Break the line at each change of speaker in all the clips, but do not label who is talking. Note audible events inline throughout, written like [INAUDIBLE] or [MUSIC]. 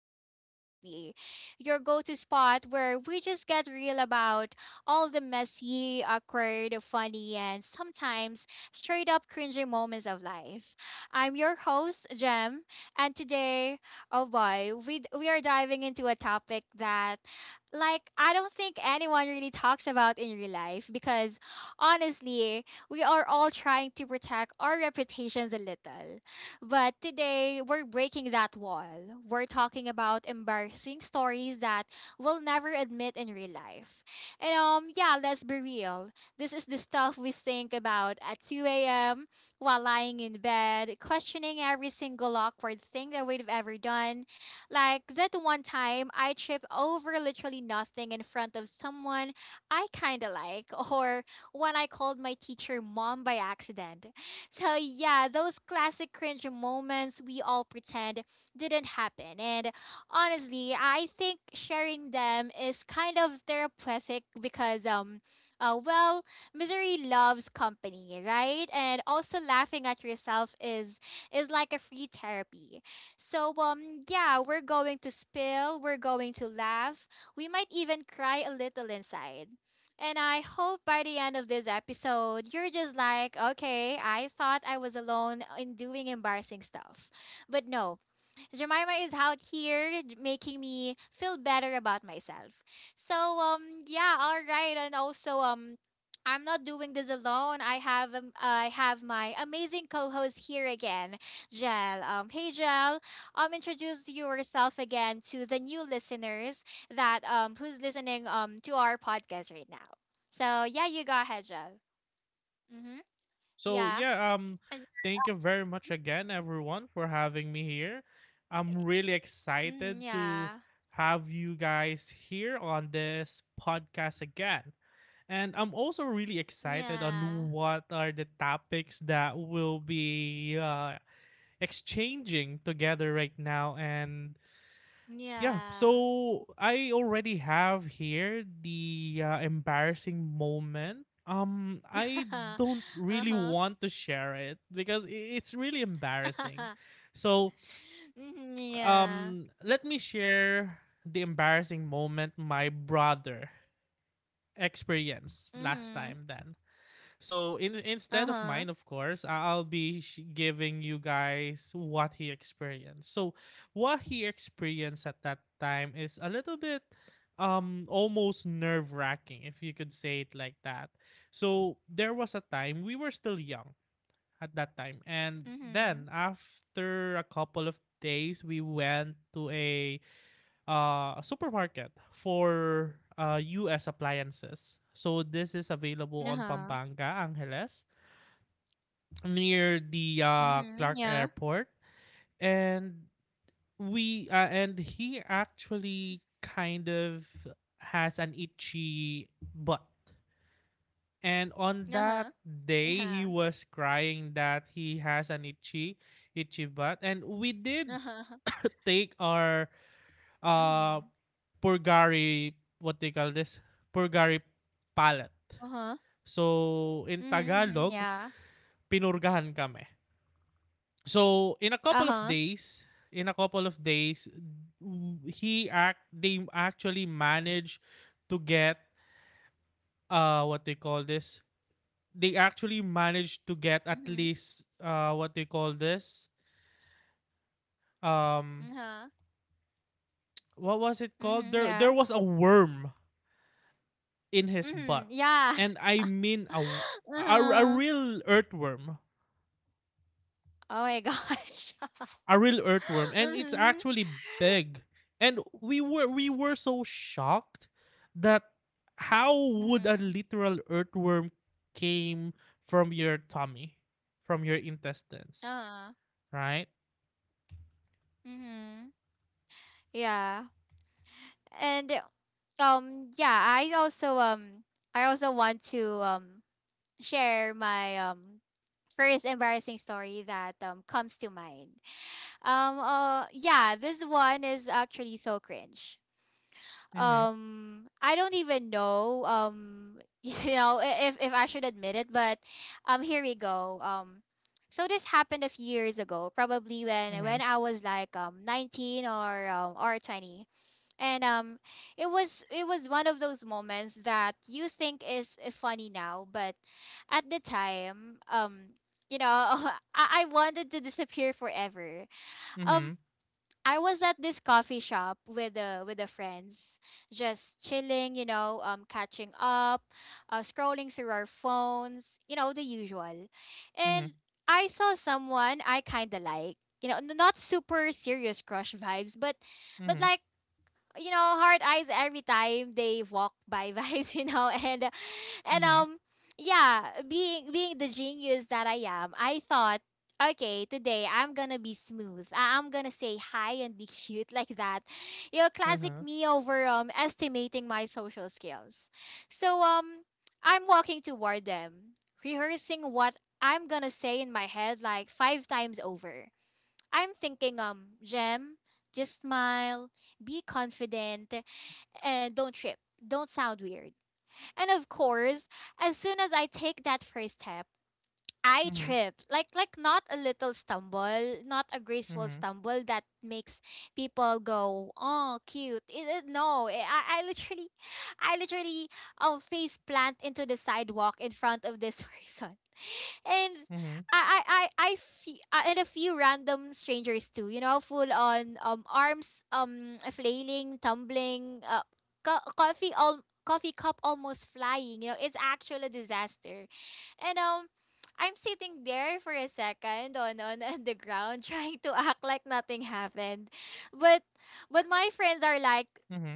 Jam Talks Lately, your go to spot where we just get real about all the messy, awkward, funny, and sometimes straight up cringy moments of life. I'm your host, Jam, and today, oh boy, we are diving into a topic that, like, I don't think anyone really talks about in real life because honestly, we are all trying to protect our reputations a little but today, we're breaking that wall. We're talking about embarrassing stories that we'll never admit in real life. And yeah, let's be real. This is the stuff we think about at 2 a.m. while lying in bed, questioning every single awkward thing that we've ever done. Like that one time I tripped over literally nothing in front of someone I kind of like, [LAUGHS] or when I called my teacher mom by accident. So yeah, those classic cringe moments we all pretend didn't happen. And honestly, I think sharing them is kind of therapeutic because uh, well, misery loves company, right? And also laughing at yourself is like a free therapy. So yeah, we're going to spill, we're going to laugh. We might even cry a little inside. And I hope by the end of this episode, you're just like, okay, I thought I was alone in doing embarrassing stuff. But no, Jemima is out here making me feel better about myself. So yeah, all right, and also I'm not doing this alone. I have my amazing co-host here again, Jel. Hey Jel, introduce yourself again to the new listeners that who's listening to our podcast right now. So yeah, you go ahead, Jel. Mhm.
So
Yeah.
yeah, um, Thank you very much again, everyone, for having me here. I'm really
Mm,
excited to
yeah.
have you guys here on this podcast again. And I'm also really excited on
Yeah.
what are the topics that we'll be exchanging together right now. And yeah,
Yeah.
so I already have here the embarrassing moment. I
[LAUGHS]
don't really
Uh-huh.
want to share it because it's really embarrassing,
[LAUGHS]
so
Mhm, yeah.
let me share the embarrassing moment my brother experienced last
Mhm.
time then, so in instead of mine,
Uh-huh.
of course. I'll be giving you guys what he experienced. So what he experienced at that time is a little bit almost nerve wracking, if you could say it like that. So there was a time we were still young at that time, and
Mhm.
then after a couple of days, we went to a supermarket for US appliances. So this is available on
Uh-huh.
Pampanga, Angeles, near the
Mhm,
Clark
yeah.
Airport, and we and he actually kind of has an itchy butt. And on that
Uh-huh.
day, he
Yeah.
was crying that he has an itchy, itchy butt, and we did
Uh-huh.
[COUGHS] take our uh
Mhm.
purgari, what they call this, purgari palette.
Uh-huh.
So in
Mhm, mhm,
Tagalog,
yeah.
pinurgahan kami. So in a couple of
Uh-huh.
days, in a couple of days, w- he act they actually managed to get what they call this. They actually managed to get at
Mhm.
least what they call this. Um
Uh-huh.
what was it called?
Mhm,
There
yeah.
was a worm in his
Mhm,
butt.
yeah.
And I mean
[LAUGHS]
a
Uh-huh.
real earthworm,
Oh my gosh. [LAUGHS]
a real earthworm, and it's
Mhm.
actually big. And we were so shocked that how would a
Mhm.
literal earthworm came from your tummy, from your intestines,
Uh-huh.
right?
Mhm. Yeah. And um yeah, I also want to share my first embarrassing story that comes to mind. Yeah, this one is actually so cringe.
Mhm,
I don't even know [LAUGHS] if I should admit it, but here we go. So this happened a few years ago, probably when
mhm,
I was like 19 or 20. And It was one of those moments that you think is funny now, but at the time, you know, [LAUGHS] I wanted to disappear forever. Um
mhm,
I was at this coffee shop with the friends, just chilling, you know, catching up, scrolling through our phones, you know, the usual.
mhm,
And I saw someone I kind of like. You know, not super serious crush vibes, but but
mhm,
like you know, hard eyes every time they walk by, [LAUGHS] Vice, you know, and and
mhm,
um yeah, being the genius that I am, I thought, okay, today I'm gonna be smooth. I'm gonna say hi and be [LAUGHS] cute like that. You know, classic me over estimating my social skills. So I'm walking toward them, rehearsing what I'm gonna say in my head like five times over. I'm thinking, Jem, just smile, be confident, and don't trip. Don't sound weird. And of course, as soon as I take that first step, I
mhm,
trip. Like not a little stumble, not a graceful
mhm,
stumble that makes people go, "Oh, cute." No, I literally I literally face plant into the sidewalk in front of this [LAUGHS] person and
mhm, mhm,
I fe- and a few random strangers too. You know, full on arms flailing, tumbling, coffee cup almost flying. You know, it's actually a disaster. And I'm sitting there for a second on the ground, [LAUGHS] trying to act like nothing happened. But but my friends are like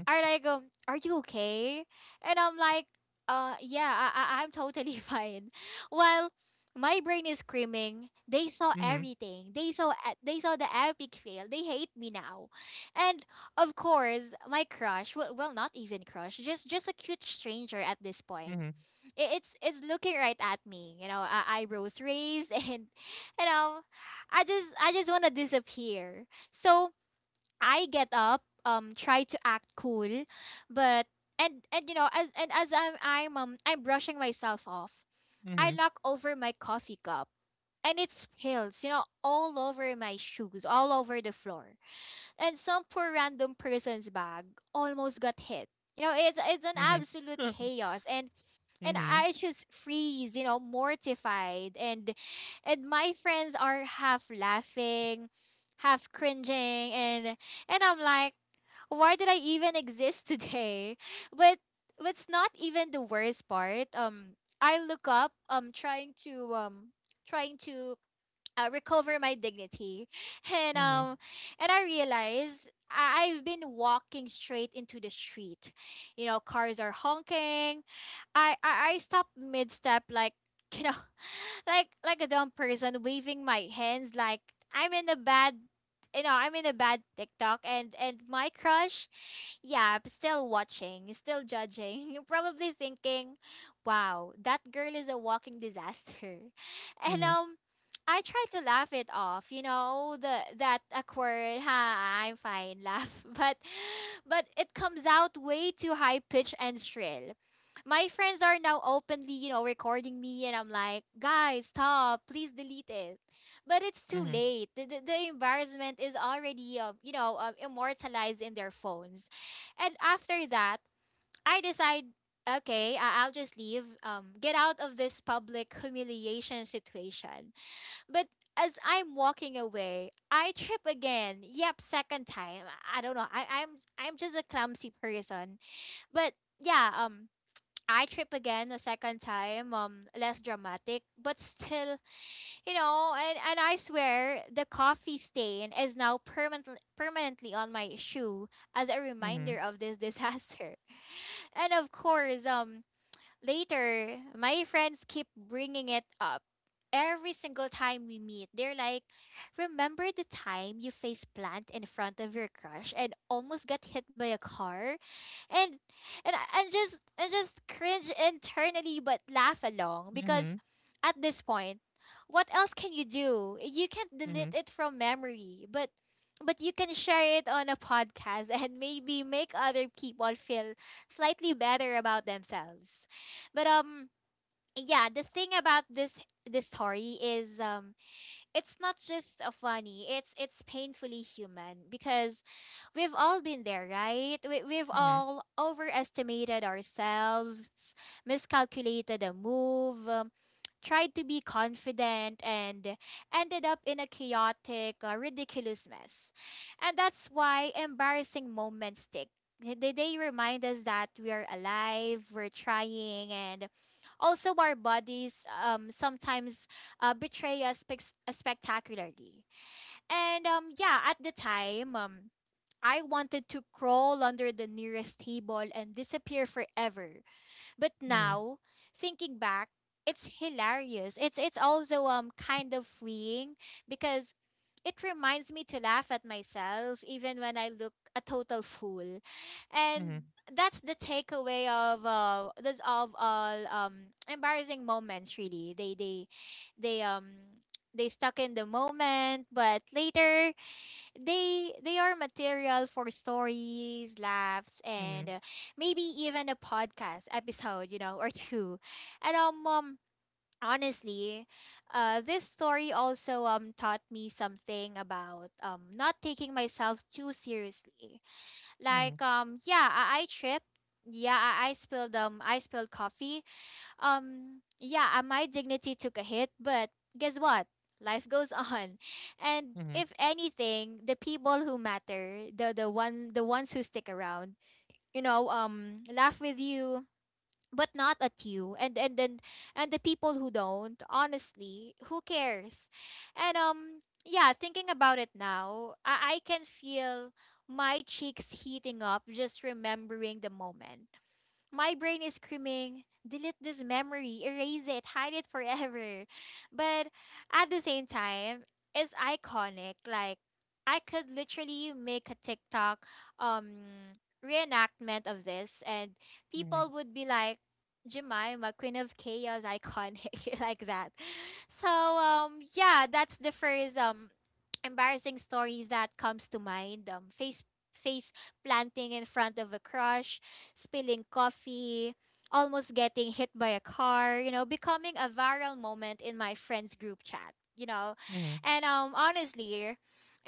are you okay? And I'm like, yeah, I I'm totally [LAUGHS] fine. While my brain is screaming, they saw
mhm,
everything. They saw the epic fail. They hate me now. And of course, my crush, well not even crush, just a cute stranger at this point, it's looking right at me, you know, eyebrows raised, [LAUGHS] and you know, I just want to disappear. So I get up, try to act cool, but and as I'm brushing myself off,
mhm,
I
mhm,
knock over my coffee cup, and it spills, you know, all over my shoes, all over the floor. And some poor random person's bag almost got hit. You know, it's an absolute chaos. And I just freeze, you know, mortified. And my friends are half laughing, half cringing, and I'm like, why did I even exist [LAUGHS] today? But what's not even the worst part, I look up, trying to trying to recover my dignity, [LAUGHS] and um, and I realize. I've been walking straight into the street. You know, cars are honking, I stopped mid step like, [LAUGHS] you know, like a dumb person waving my hands like I'm in a bad, I'm in a bad TikTok, and my crush, yeah, still watching, still judging. [LAUGHS] You probably thinking, "Wow, that girl is a walking disaster." [LAUGHS] And
mhm,
I try to laugh it off, you know, the that awkward, ha, I'm fine laugh, [LAUGHS] but it comes out way too high pitch and shrill. My friends are now openly, you know, recording me, and I'm like, guys, stop, please delete it. But it's too
mhm.
late. The embarrassment is already, immortalized in their phones. And after that, I decide, okay, I'll just leave, get out of this public humiliation situation. But as I'm walking away, I trip again. Yep, second time. I don't know. I'm just a clumsy person. But yeah, I trip again a second time, less dramatic, but still, you know, and I swear the coffee stain is now permanently on my shoe as a
Huh. Mhm,
reminder of this disaster. [LAUGHS] And of course, later, my friends keep bringing it up. Every single time we meet, they're like, remember the time you face plant in front of your crush and almost got hit by a car? And and I- and just cringe internally but laugh along because
mhm,
at this point, what else can you do? You can't
mhm, mhm,
delete
mhm,
it from memory, but you can share it on a podcast [LAUGHS] and maybe make other people feel slightly better about themselves. But Yeah, the thing about this story is, it's not just funny. It's painfully human because we've all been there, right? We've all overestimated ourselves, miscalculated a move, tried to be confident, and ended up in a chaotic, ridiculous mess. And that's why embarrassing moments stick. They remind us that we are alive, we're trying, and also our bodies sometimes betray us spectacularly. And Yeah, at the time, I wanted to crawl under the nearest table and disappear forever. But
mhm, mhm, mhm,
now, thinking back, it's hilarious. It's also kind of freeing because it reminds me to laugh at myself even when I look a total fool.
mhm, mhm,
And that's the takeaway of this of all embarrassing moments really. They um they stuck in the moment, but later they are material for stories, laughs, and
mhm,
maybe even a podcast episode, you know, [LAUGHS] or two. And Honestly, this story also taught me something about not taking myself too seriously. Like
mhm. [LAUGHS]
yeah, I tripped. Yeah, I spilled coffee, yeah, my dignity took a hit, but guess what? Life goes [LAUGHS] on. And
Mhm,
if anything, the people who matter, the ones who stick around, you know, laugh with you but not at you. And the people who don't, honestly, who cares? And Yeah, thinking about it now, I can feel my cheeks heating up just remembering the moment. My brain is screaming, delete this memory, erase it, hide it forever. But at the same time, it's iconic. Like I could literally make a TikTok um reenactment of this and
mhm,
people would be like, Jemima, Queen of Chaos, iconic, [LAUGHS] like that. So yeah, that's the first embarrassing story that comes to mind. Face planting in front of a crush, spilling coffee, almost getting hit by a car, you know, becoming a viral moment in my friends group chat.
mhm,
And honestly,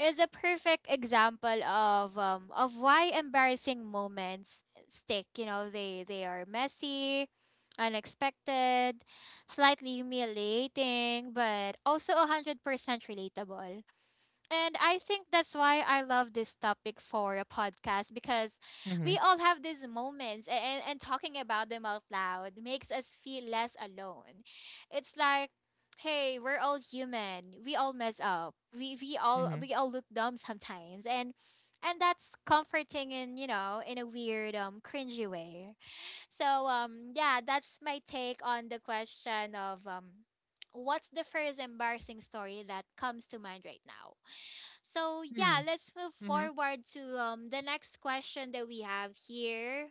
is a perfect example of of why embarrassing moments stick, you know, they are messy, unexpected, slightly humiliating, but also 100% relatable. And I think that's why I love this topic for a podcast because we
mhm,
all have these moments and talking about them out loud makes us feel less alone. It's like, hey, we're all human. We all mess up.
mhm,
We all look dumb sometimes and that's comforting in in a weird cringy way. So yeah, that's my take on the question of what's the first embarrassing story that comes to mind right now? So yeah,
hmm,
let's move
mhm.
forward to the next question that we have here.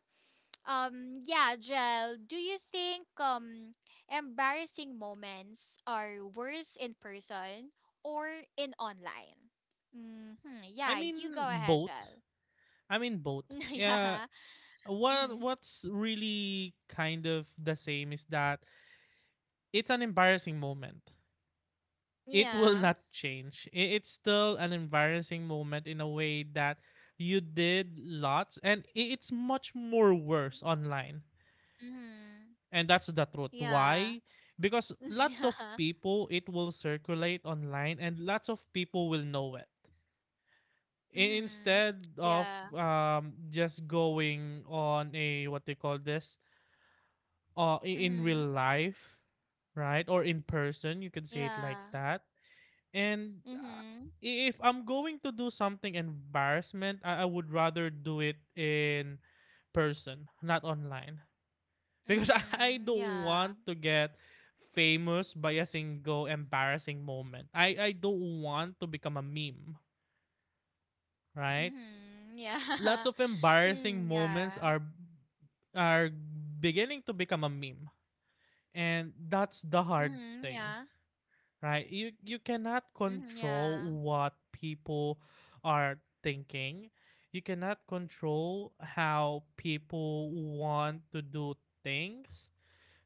Yeah, Jel, do you think embarrassing moments are worse in person or in online? Mm-hmm.
I
Yeah, you
mean
go ahead,
both.
Jel.
I mean both.
[LAUGHS]
Yeah.
Yeah.
What
Mm-hmm.
what's really kind of the same is that it's an embarrassing moment. It will
Yeah.
not change. It's still an embarrassing moment in a way that you did lots, and it's much more worse online.
Mm-hmm.
And that's the truth.
Yeah.
Why? Because lots of
[LAUGHS]
people, it will circulate online, and lots of people will know it, instead of
Yeah.
just going on a what they call this in
Mm-hmm.
real life, right, or in person, you could say
Yeah.
it like
Mm-hmm. Yeah.
that. And
Mm-hmm.
if I'm going to do something embarrassment, I would rather do it in person, not online, because [LAUGHS] I
Mm-hmm.
don't
Yeah.
want to get famous by a single embarrassing moment. I don't want to become a meme, right?
Mhm. Yeah.
Lots
[LAUGHS]
of embarrassing
Hmm,
moments
yeah.
are beginning to become a meme, and that's the hard
Mhm.
thing,
Yeah.
right? You cannot
Mhm.
control
Yeah.
what people are thinking. You cannot control how people want to do things.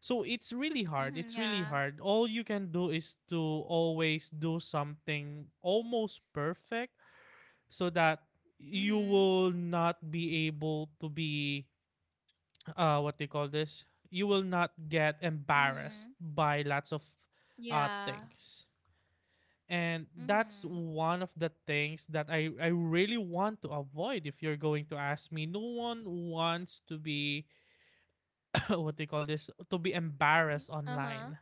So it's really hard,
Mhm.
it's really
Yeah.
hard. All you can do is to always do something almost perfect so that you
Mhm.
will not be able to be what they call this, you will not get embarrassed
Mhm.
by lots of
Yeah.
things. And that's
Mhm.
one of the things that I really want to avoid. If you're going to ask me, no one wants to be [COUGHS] [CLEARS THROAT] what they call this, to be embarrassed
Uh-huh.
online,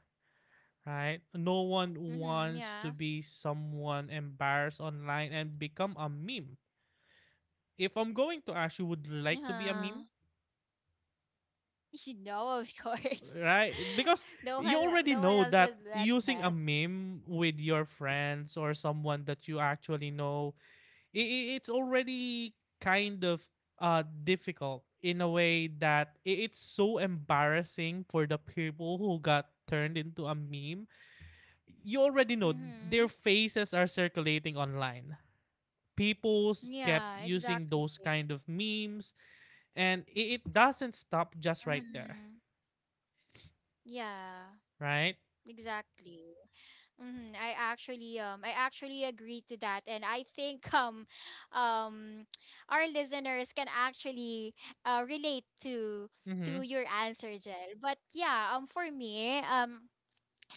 right? No one
Mhm.
wants to
Yeah.
be someone embarrassed online and become a meme. If I'm going to ask you, would you like to be a meme?
Yeah. You know, of course.
Right? Because
[LAUGHS]
you already
No one
know
else
that
would let
using a
that.
meme with your friends or someone that you actually know, it's already kind of difficult in a way that it's so embarrassing for the people who got turned into a meme. You already know their
Mhm.
faces are circulating online. People kept
Yeah,
using
exactly.
those kind of memes, and it doesn't stop just right there,
Mhm. Yeah.
right?
Exactly. Mm-hmm. I actually agree to that and I think [LAUGHS] um our listeners can actually relate
Mm-hmm.
to your answer, Jel. But yeah, for me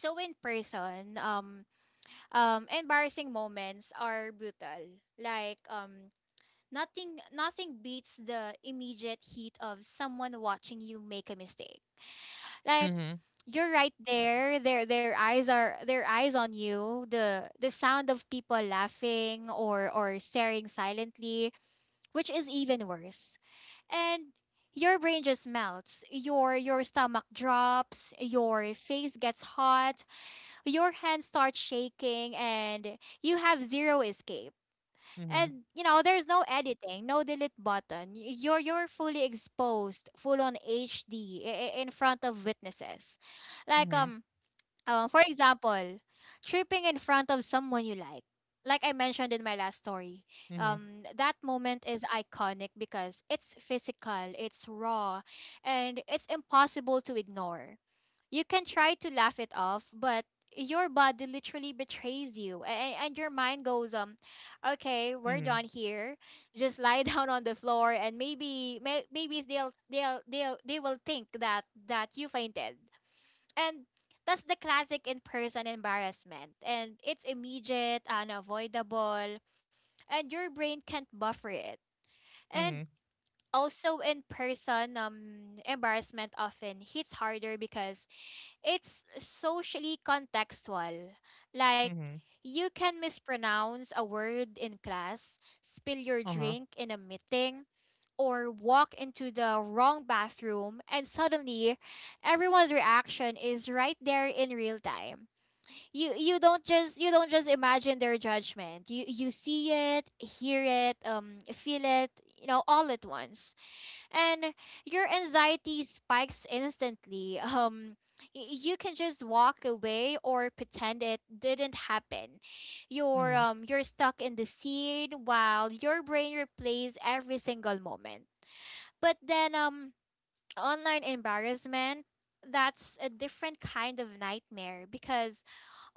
so in person embarrassing moments are brutal. Like nothing beats the immediate heat of someone watching you make a mistake, like
Mm-hmm.
you're right there. Their eyes on you. The sound of people laughing or staring silently, which is even worse. And your brain just melts. Your stomach drops, your face gets hot, your hands start shaking and you have zero escape.
Mm-hmm.
And you know, there's no editing, no delete button. You're fully exposed, full on HD in front of witnesses. Like
Mhm,
for example, tripping in front of someone you like. Like I mentioned in my last story,
mhm,
that moment is iconic because it's physical, it's raw, and it's impossible to ignore. You can try to laugh it off, but your body literally betrays you and your mind goes okay, we're
mhm,
done here, just lie [LAUGHS] down on the floor and maybe they will think that that you fainted and that's the classic in-person embarrassment and it's immediate, unavoidable, and your brain can't buffer it. And
mhm,
also in person embarrassment often hits harder because it's socially contextual. Like,
mhm,
you can mispronounce a word in class, spill your
uh-huh,
drink in a meeting, or walk into the wrong bathroom, and suddenly everyone's reaction is right there in real time. You don't just imagine their judgment. You see it, hear it, feel it, you know, all at once, and your anxiety spikes instantly. [LAUGHS] You can just walk away or pretend it didn't happen. You're
mhm,
um you're stuck in the scene while your brain replays every single moment. But then online embarrassment, that's a different kind of nightmare because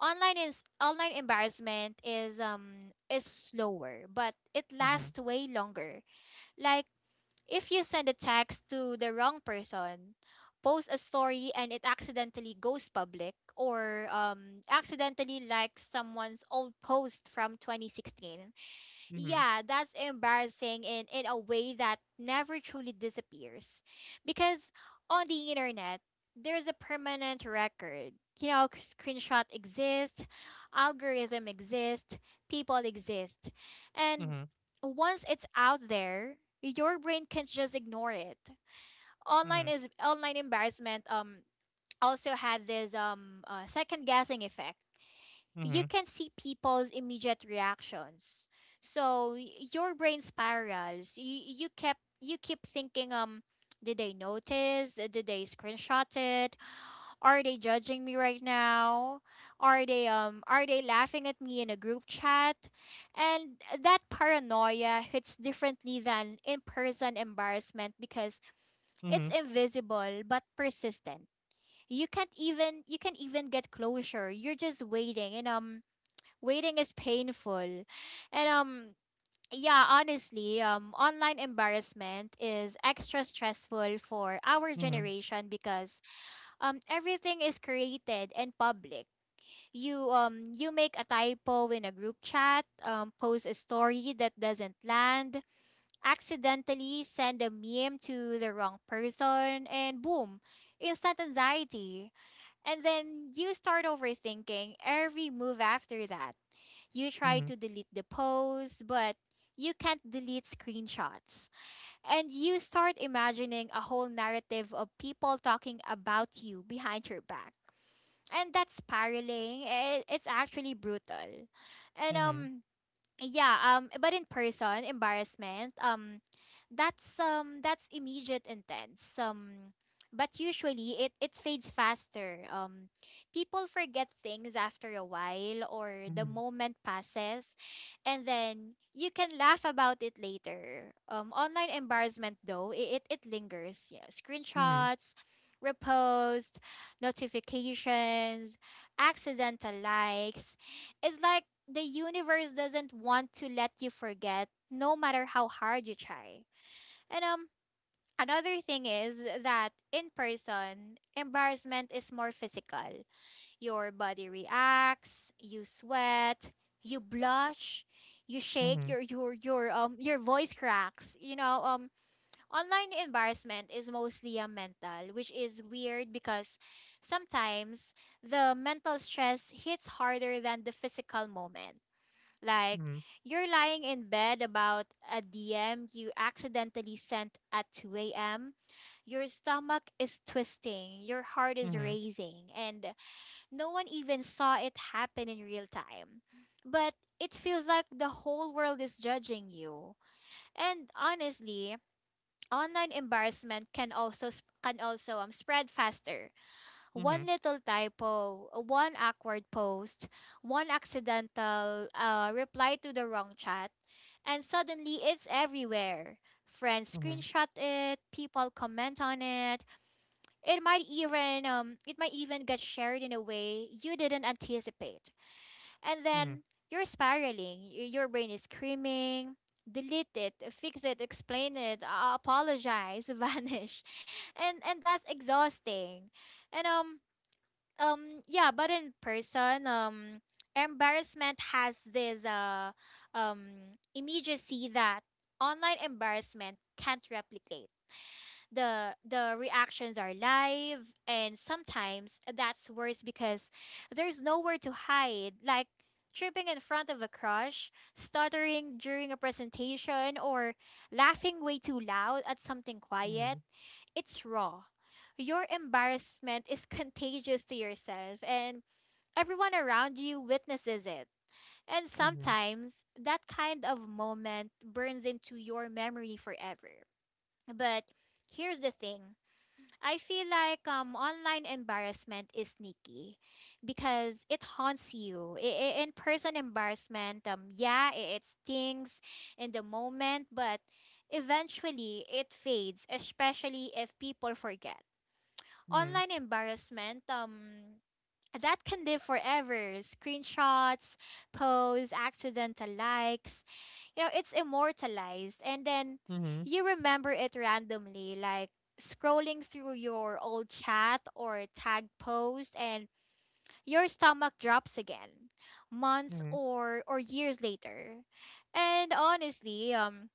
online embarrassment is slower but it
mhm,
lasts way longer, like, if you send a text to the wrong person, post a story and it accidentally goes public, or accidentally likes someone's old post from 2016,
mhm,
yeah, that's embarrassing in a way that never truly disappears. Because on the internet, there's a permanent record. You know, screenshot exists, algorithm exists, people exist. And
mhm,
once it's out there, your brain can't just ignore it.
mhm,
Online embarrassment also had this second guessing effect. You
mhm,
can see people's immediate reactions. So your brain spirals. You keep thinking, did they notice? Did they screenshot it? Are they judging me right now? Are they laughing at me in a group chat? And that paranoia hits differently than in-person embarrassment because it's
mhm,
invisible but persistent. You can't even get closure. You're just waiting and waiting is painful. And yeah, honestly, online embarrassment is extra stressful for our generation because everything is created and public. You make a typo in a group chat, post a story that doesn't land, accidentally send a meme to the wrong person and boom, instant anxiety. And then you start overthinking every move after that. You try
mhm,
to delete the post, but you can't delete screenshots. And you start imagining a whole narrative of people talking about you behind your back. And that's spiraling. It's actually brutal. And
mhm,
yeah, but in person, embarrassment, that's immediate, intense. Um, but usually it fades faster. Um, people forget things after a while or the
mhm,
moment passes and then you can laugh about it later. Um, online embarrassment though, it lingers. Yeah,
mhm,
screenshots, repost, notifications, accidental likes. It's like the universe doesn't want to let you forget no matter how hard you try. And another thing is that in person, embarrassment is more physical. Your body reacts, you sweat, you blush, you
mhm,
shake,
mhm,
your your voice cracks. You know, online embarrassment is mostly a mental, which is weird because sometimes the mental stress hits harder than the physical moment, like,
mhm,
you're lying in bed about a DM you accidentally sent at 2 a.m. Your stomach is twisting, your
mhm, mhm, mhm, mhm,
heart is
mhm, mhm, mhm, mhm,
racing, and no one even saw it happen in real time. But it feels like the whole world is judging you. And honestly, online embarrassment can also spread faster,
mhm,
one little typo, one awkward post, one accidental reply to the wrong chat, and suddenly it's everywhere. Friends
mhm,
screenshot it, people comment on it. It might even get shared in a way you didn't anticipate. And
mhm,
then you're spiraling. Your brain is screaming, delete it, fix it, explain it, apologize, [LAUGHS] vanish. And that's exhausting. And yeah, but in person embarrassment has this um immediacy that online embarrassment can't replicate. The reactions are live and sometimes that's worse because there's nowhere to hide, like tripping in front of a crush, stuttering during a presentation, or laughing way too loud at something
mhm,
quiet. It's raw. Your embarrassment is [LAUGHS] contagious to yourself, and everyone around you witnesses it. And sometimes that kind of moment burns into your memory forever. But here's the thing, I feel like online embarrassment is sneaky because it haunts you. In person embarrassment, yeah, it stings in the moment, but eventually it fades, especially if people forget. Online embarrassment that can live forever, screenshots, posts, accidental likes, you know, it's immortalized and then you remember it randomly, like scrolling through your old chat or tag post and your stomach drops again months or years later. And honestly,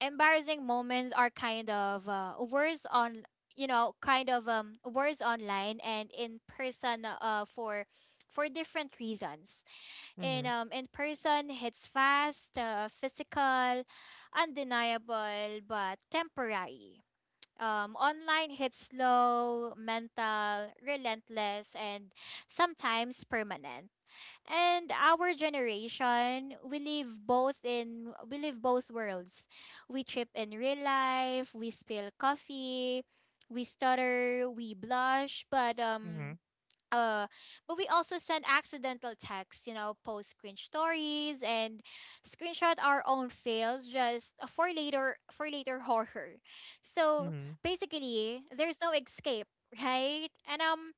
embarrassing moments are kind of worse on, you know, kind of worse online and in person, for different reasons. In in person it's fast, physical, undeniable but temporary. Um, online hits slow, mental, relentless, and sometimes permanent. And our generation, we live both worlds. We trip in real life, we spill coffee, we stutter, we blush,
mhm,
uh but we also send accidental texts, you know, post cringe stories and screenshot our own fails just for later horror. So basically there's no escape, right? And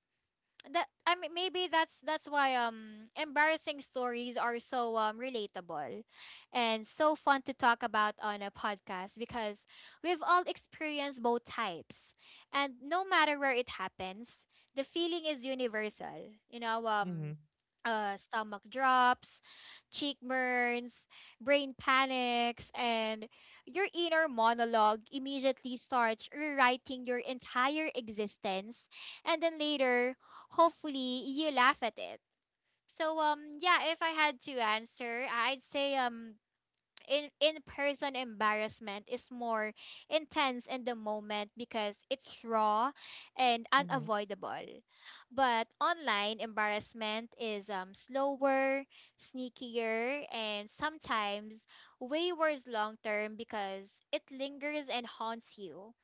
that, I mean, maybe that's why embarrassing stories are so relatable and so fun to talk about on a podcast because we've all experienced both types and no matter where it happens the feeling is universal, you know,
mhm,
stomach drops, cheek burns, brain panics, and your inner monologue immediately starts rewriting your entire existence and then later hopefully you laugh at it. So yeah, if I had to answer, I'd say in person embarrassment is more intense in the moment because it's raw and unavoidable. But online embarrassment is slower, sneakier, and sometimes way worse long term because it lingers and haunts you.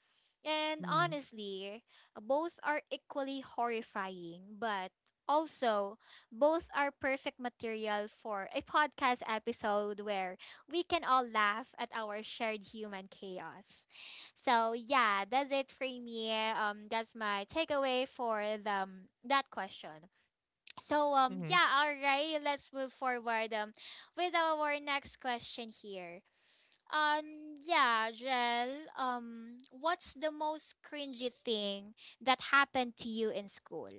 And
mhm.
honestly, both are equally horrifying, but also both are perfect material for a podcast episode where we can all laugh at our shared human chaos. So yeah, that's it for me. That's my takeaway for that question. So yeah, all right, let's move forward with our next question here. Yeah, Jel, what's the most cringy thing that happened to you in school?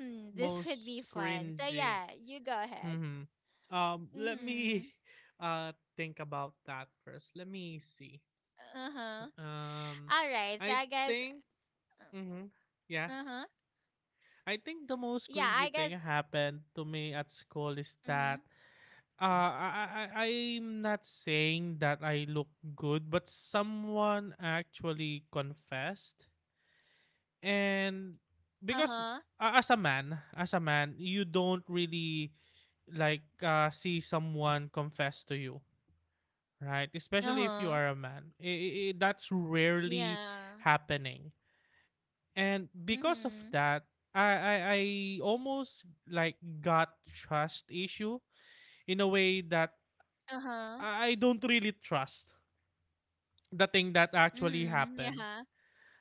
Hmm, this [LAUGHS] would be
Most
fun. So
cringy.
yeah, you go ahead.
Mm-hmm. Let me
Mm-hmm.
[LAUGHS] uh think about that first. Let me see.
Uh-huh.
Um,
All right, so
I
I guess,
think. Mhm. Yeah.
uh-huh.
I think the most
Yeah, I
cringy thing
guess,
happened to me at school is
mm-hmm.
that uh I'm not saying that I look good, but someone actually confessed. And because
Uh-huh.
as a man, you don't really like see someone confess to you, right? Especially if you
Uh-huh.
are a man. That's rarely
Yeah.
happening, and because of
Mm-hmm.
that, I almost like got trust issue in a way that
Uh-huh.
I don't really trust the thing that actually
Mm-hmm.
happened.
Yeah.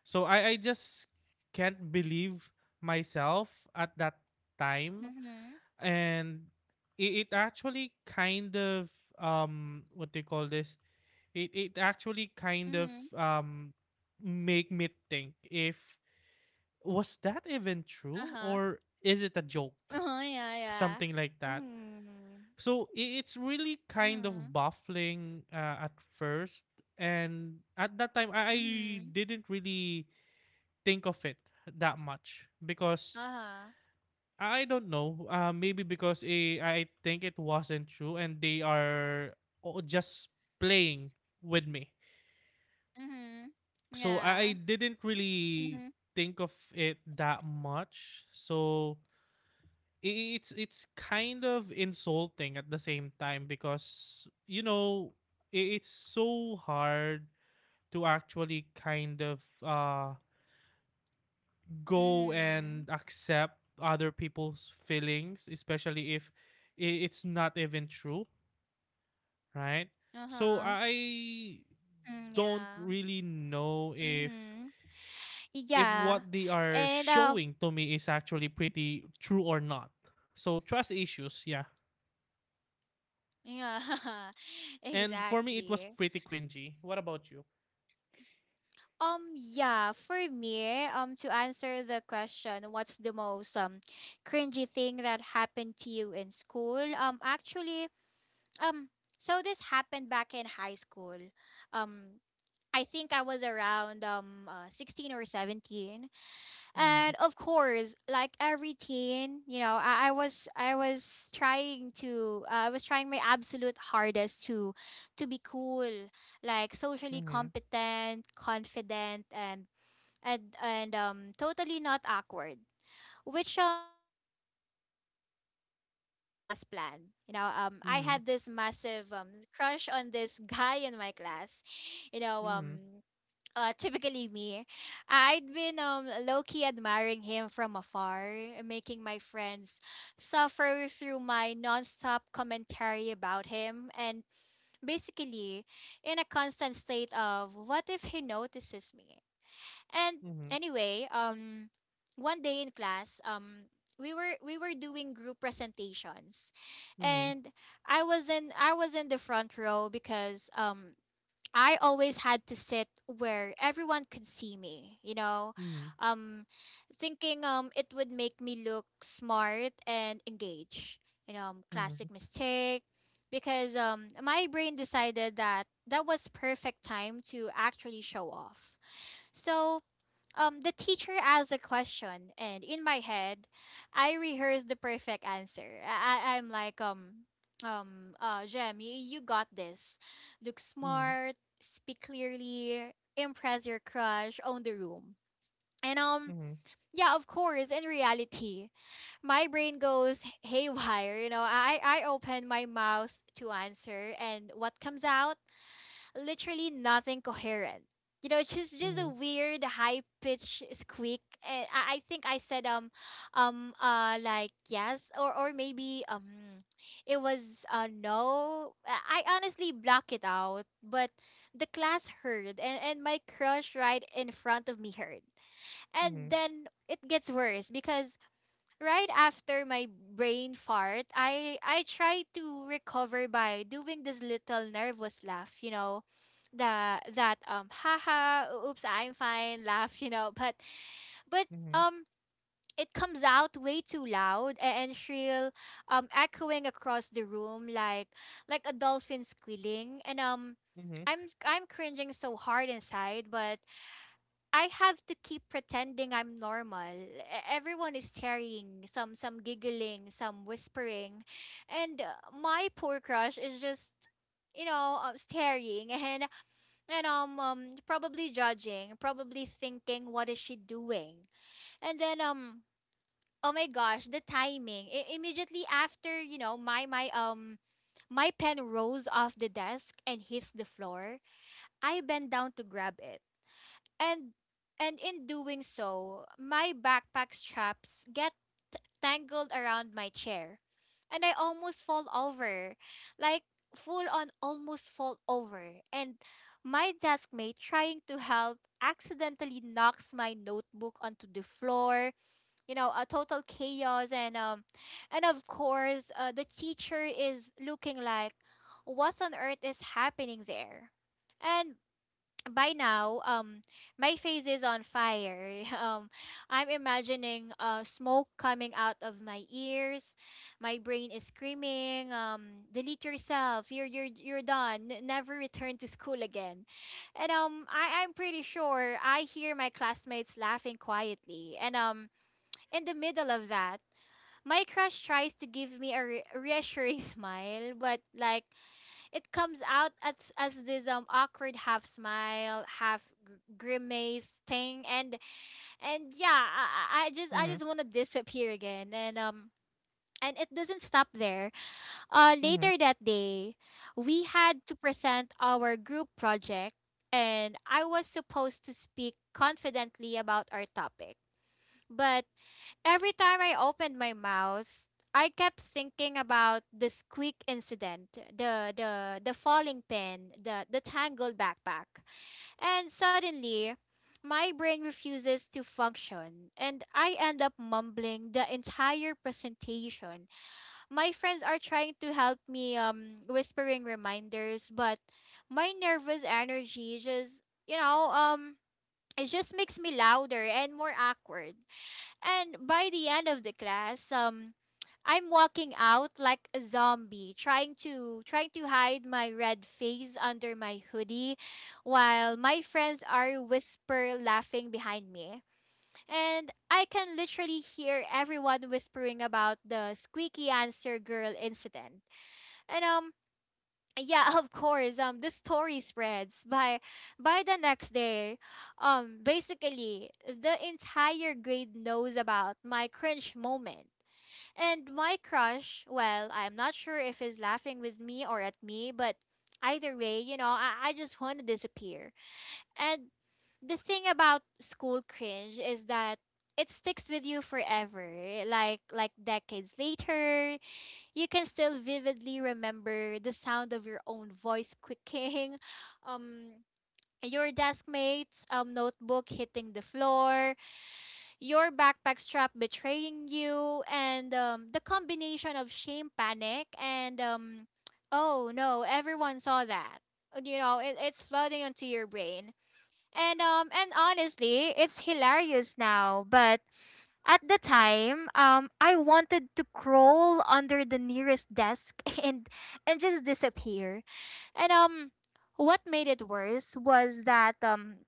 So I just can't believe myself at that time,
Mm-hmm.
and it actually kind of what do you call this? It actually kind of
Mm-hmm.
make me think, if was that even true,
Uh-huh.
or is it a joke,
Uh-huh, yeah, yeah.
something like that.
Mm-hmm.
So it's really kind of
Mm-hmm.
baffling at first. And at that time, I
Mm-hmm.
didn't really think of it that much because
Uh-huh.
I don't know, maybe because I think it wasn't true and they are just playing with me.
Mhm.
So I
Yeah.
didn't really
Mhm.
think of it that much. So it's kind of insulting at the same time, because you know, it's so hard to actually kind of go
Mhm.
and accept other people's feelings, especially if it's not even true, right? So
Uh-huh.
I
Mm,
don't
yeah.
really know
Mhm.
if
Yeah.
what they are
And
showing to me is actually pretty true or not. So trust issues, yeah.
yeah. [LAUGHS]
And for me, it was
Exactly.
pretty cringy. What about you?
Yeah, for me, to answer the question, what's the most cringy thing that happened to you in school? Actually, um so this happened back in high school. Um I think I was around 16 or 17.
Mm-hmm.
And of course, like every teen, you know, I was trying my absolute hardest to be cool, like socially
Mm-hmm.
competent, confident, and totally not awkward. Which spoiler alert did not go as planned. You know, I had this massive crush on this [LAUGHS] guy in my class, you know,
Mm-hmm.
typically me, I'd been low key admiring him from afar, making my friends suffer through my nonstop commentary about him, and basically in a constant state of what if he notices me. And
Mm-hmm.
anyway, one day in class, we were doing group presentations,
Mm-hmm.
and I was in the front row because I always had to sit where everyone could see me, you know,
Mm-hmm.
um, thinking it would make me look smart and engaged, you know,
Mm-hmm.
classic
Mm-hmm.
mistake. Because my brain decided that that was perfect time to actually show off. So, the teacher asked a question, and in my head, I rehearsed the perfect answer. I'm like, Jem, you got this. Look
Mm-hmm. Mm-hmm.
smart, speak clearly, impress your crush, own the room. And,
Mm-hmm.
yeah, of course. In reality, my brain goes [LAUGHS] haywire. You know, I open my mouth to answer, and what comes out? Literally nothing coherent. You know, it's just a weird high pitched squeak. And I think I said like yes, or maybe it was no. I honestly block it out, but the class heard, and my crush right in front of me heard,
Mm-hmm. Mm-hmm.
and then it gets worse because right after my brain fart, I try to recover by doing this little nervous laugh, you know, the that haha oops I'm fine laugh, you know, but um it comes out way too loud and shrill, echoing across the room like a dolphin squealing, and
Mm-hmm.
I'm cringing so hard inside, but I have to keep pretending I'm normal. Everyone is staring, some giggling, some whispering, and my poor crush is just, you know, staring and probably judging, probably thinking what is she doing, and then. Oh my gosh, the timing. Immediately after, you know, my pen rolls off the desk and hits the floor. I bend down to grab it, and in doing so, my backpack straps get tangled around my chair, and I almost fall over, like full on almost fall over. And my desk mate trying to help accidentally knocks my notebook onto the floor. You know, a total chaos, and, and of course, the teacher is looking like, what on earth is happening there? And by now, my face is on fire. [LAUGHS] I'm imagining smoke coming out of my ears. My brain is screaming, "Delete yourself! You're done. Never return to school again." And, I'm pretty sure I hear my classmates laughing quietly. And, in the middle of that, my crush tries to give me a reassuring [LAUGHS] smile, but like it comes out as this awkward half smile, half grimace thing, and yeah, I just want to disappear again, and it doesn't stop there.
Mm-hmm. Mm-hmm.
Later that day, we had to present our group project, and I was supposed to speak confidently about our topic, but every time I opened my mouth, I kept thinking about the squeak incident, the falling pin, the tangled backpack. And suddenly, my brain refuses to function, and I end up mumbling the entire presentation. My friends are trying to help me, whispering reminders, but my nervous energy just, you know, it just makes me louder and more awkward. And by the end of the class, I'm walking out like a zombie, trying to hide my red face under my hoodie, while my friends are whisper laughing behind me. And I can literally hear everyone whispering about the squeaky answer girl incident. And yeah, of course. The story spreads by the next day. Basically, the entire grade knows about my cringe moment. And my crush, well, I'm not sure if he's laughing with me or at me, but either way, you know, I just want to disappear. And the thing about school cringe is that it sticks with you forever, like decades later you can still vividly remember the sound of your own voice quicking, [LAUGHS] um, your desk mate's, notebook hitting the floor, your backpack strap betraying you, and, the combination of shame, panic, and, oh no, everyone saw that. You know, it's flooding into your brain. And honestly, it's hilarious now, but at the time, I wanted to crawl under the nearest desk [LAUGHS] and and just disappear. And, what made it worse was that,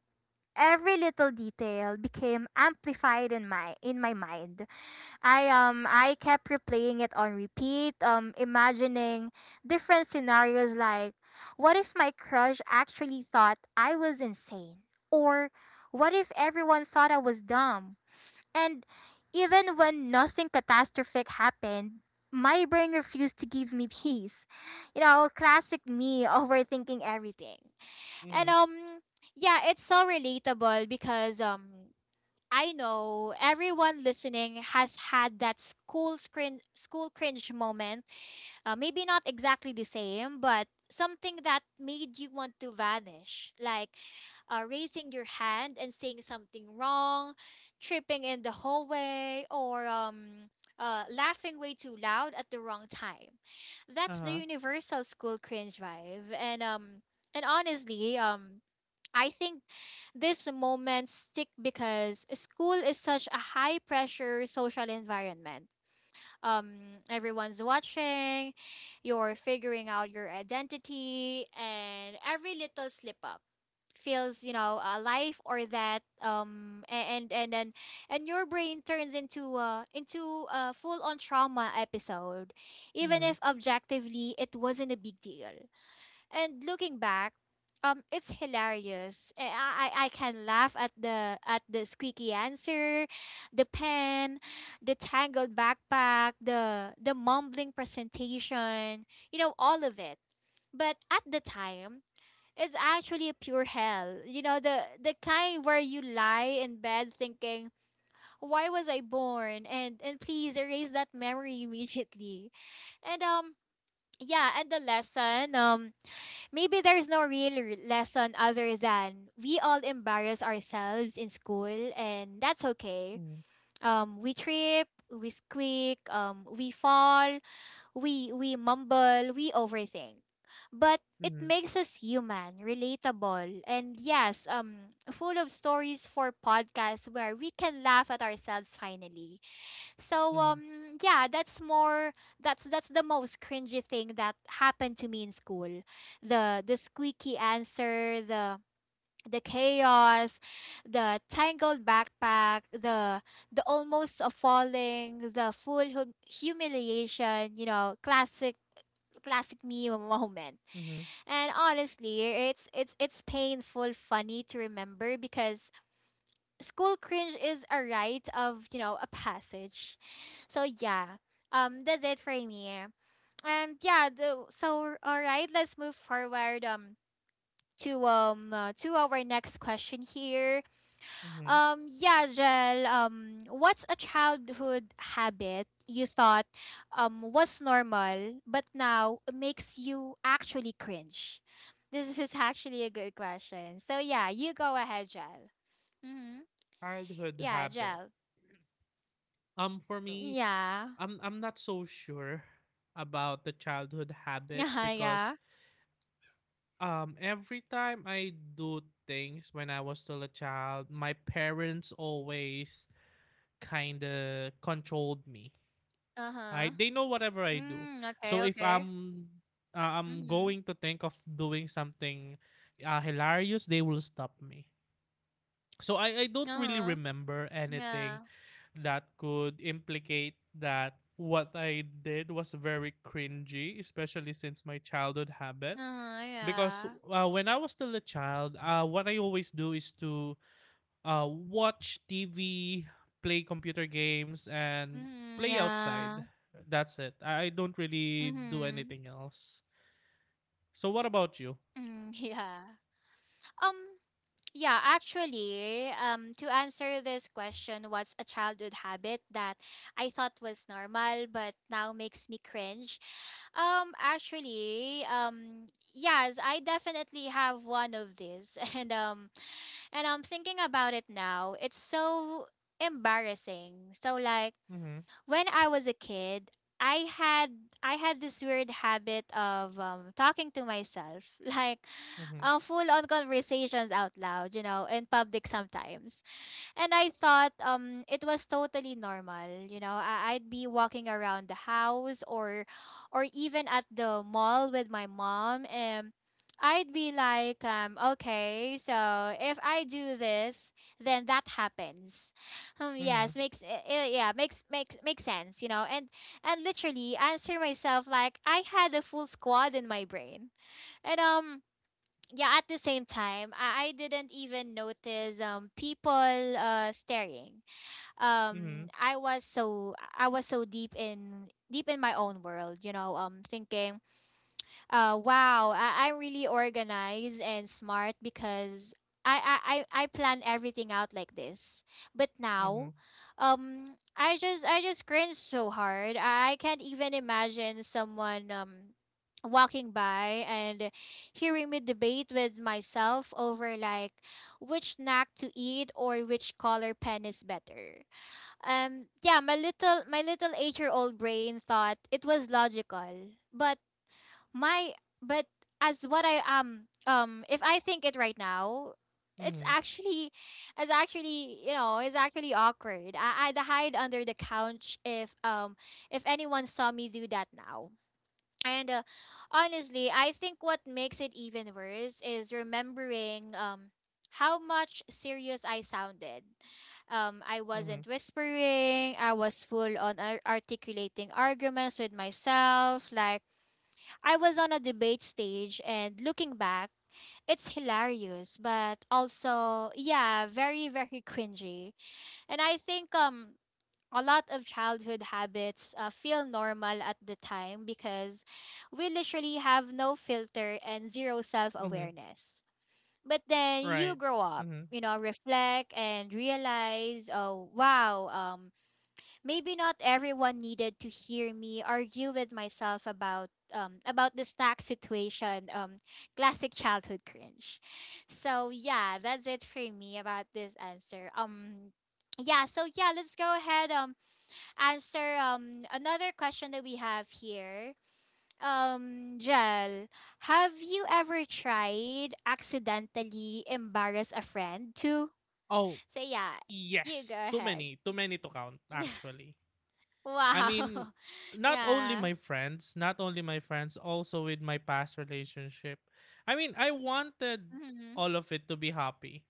every little detail became amplified in my mind. I kept replaying it on repeat, imagining different scenarios like, what if my crush actually thought I was insane, or what if everyone thought I was dumb? And even when nothing catastrophic happened, my brain refused to give me peace. You know, classic me [LAUGHS] overthinking everything. And
Mm-hmm.
yeah, it's so relatable because I know everyone listening has had that school screen school cringe moment, maybe not exactly the same, but something that made you want to vanish, like raising your hand and saying something wrong, tripping in the hallway, or laughing way too loud at the wrong time. That's the
Uh-huh.
universal school cringe vibe, and, and honestly, I think this moment stick because school is such a high pressure social environment, everyone's watching, you're figuring out your identity, and every little slip up feels, you know, alive or that and then and your brain turns into a full on trauma episode even
Mm-hmm.
if objectively it wasn't a big deal. And looking back, it's hilarious. I can laugh at the squeaky answer, the pen, the tangled backpack, the mumbling presentation, you know, all of it. But at the time, it's actually a pure hell. You know, the kind where you lie in bed thinking, "Why was I born?" and please erase that memory [LAUGHS] immediately. And yeah, and the lesson, maybe there's no real lesson other than we all embarrass ourselves in school, and that's okay.
Mm-hmm.
We trip, we squeak, we fall, we mumble, we overthink, but it
Mm-hmm.
makes us human, relatable, and yes, full of stories for podcasts where we can laugh at ourselves finally. So
Mm-hmm.
yeah, that's more that's the most cringy thing that happened to me in school. The squeaky answer, the chaos, the tangled backpack, the almost a falling, the full humiliation, you know, classic me [LAUGHS] moment.
Mm-hmm.
And honestly, it's painful funny to remember because school cringe is a rite of a passage. So yeah, that's it for me. And yeah, so all right, let's move forward to our next question here.
Mm-hmm.
Yeah, Jel, what's a childhood habit you thought was normal but now makes you actually cringe? This is actually a good question, so yeah, you go ahead, Jel. Mm-hmm.
Childhood
Yeah,
habit.
Jel.
For me,
Yeah. [LAUGHS]
I'm not so sure about the childhood habit
Yeah, yeah.
because every time I do things when I was still a child, my parents always kind of controlled me. Right?
Uh-huh.
They know whatever I do.
Mm,
So
okay,
if
okay.
I'm I'm
Mm-hmm.
going to think of doing something hilarious, they will stop me. So I don't really
Uh-huh.
remember anything
Yeah.
that could implicate that what I did was very cringy, especially since my childhood habit.
Uh-huh,
Because
yeah.
when I was still a child, what I always do is to watch TV, play computer games, and
Mm-hmm,
play
yeah.
outside. That's it. I don't really do
Mm-hmm.
anything else. So what about you?
Mm, [LAUGHS] yeah. Um, yeah, actually, to answer this question, what's a childhood habit that I thought was normal but now makes me cringe? Actually, yes, I definitely have one of these, [LAUGHS] and and I'm thinking about it now. It's so embarrassing. So like
Mm-hmm.
when I was a kid, I had I had this weird habit of talking to myself, [LAUGHS] like
Mm-hmm.
full on conversations out loud, you know, in public sometimes. And I thought it was totally normal, you know. I'd be walking around the house or even at the mall with my mom and I'd be like okay, so if I do this, then that happens. Yes,
Mm-hmm.
makes I- yeah, makes makes makes sense, you know. And literally answer myself like I had a full squad in my brain. And yeah, at the same time I didn't even notice people staring. um
Mm-hmm.
i was so I was so deep in my own world, you know, thinking, wow, I'm really organized and smart because I I plan everything out like this. But now,
Mm-hmm.
I just cringe so hard. I can't even imagine someone walking by and hearing me debate with myself over like which snack to eat or which color pen is better. Yeah, my little 8-year old brain thought it was logical, my but as what I if I think it right now, it's
Mm-hmm.
actually you know, it's actually awkward. I'd hide under the couch if anyone saw me do that now. And honestly, I think what makes it even worse is remembering how much serious I sounded. I wasn't
Mhm,
whispering. I was full on articulating arguments with myself, like I was on a debate stage. And looking back, it's hilarious, but also, yeah, very, very cringy. And I think a lot of childhood habits feel normal at the time because we literally have no filter and zero self
mhm,
awareness. But then you
right,
grow up,
mhm.
you know, reflect and realize, oh wow, maybe not everyone needed to hear me argue with myself about this tax situation. Classic childhood cringe. So yeah, that's it for me about this answer. Yeah. So yeah, let's go ahead. Answer another question that we have here. Jel, have you ever tried accidentally embarrass a friend too?
Oh,
So yeah, you go
yes,
ahead.
too many to count
[LAUGHS]
actually. I mean,
Wow.
not only
[LAUGHS] Yeah.
my friends, not only my friends, also with my past relationship. I mean, I wanted
Mhm.
all of it to be happy.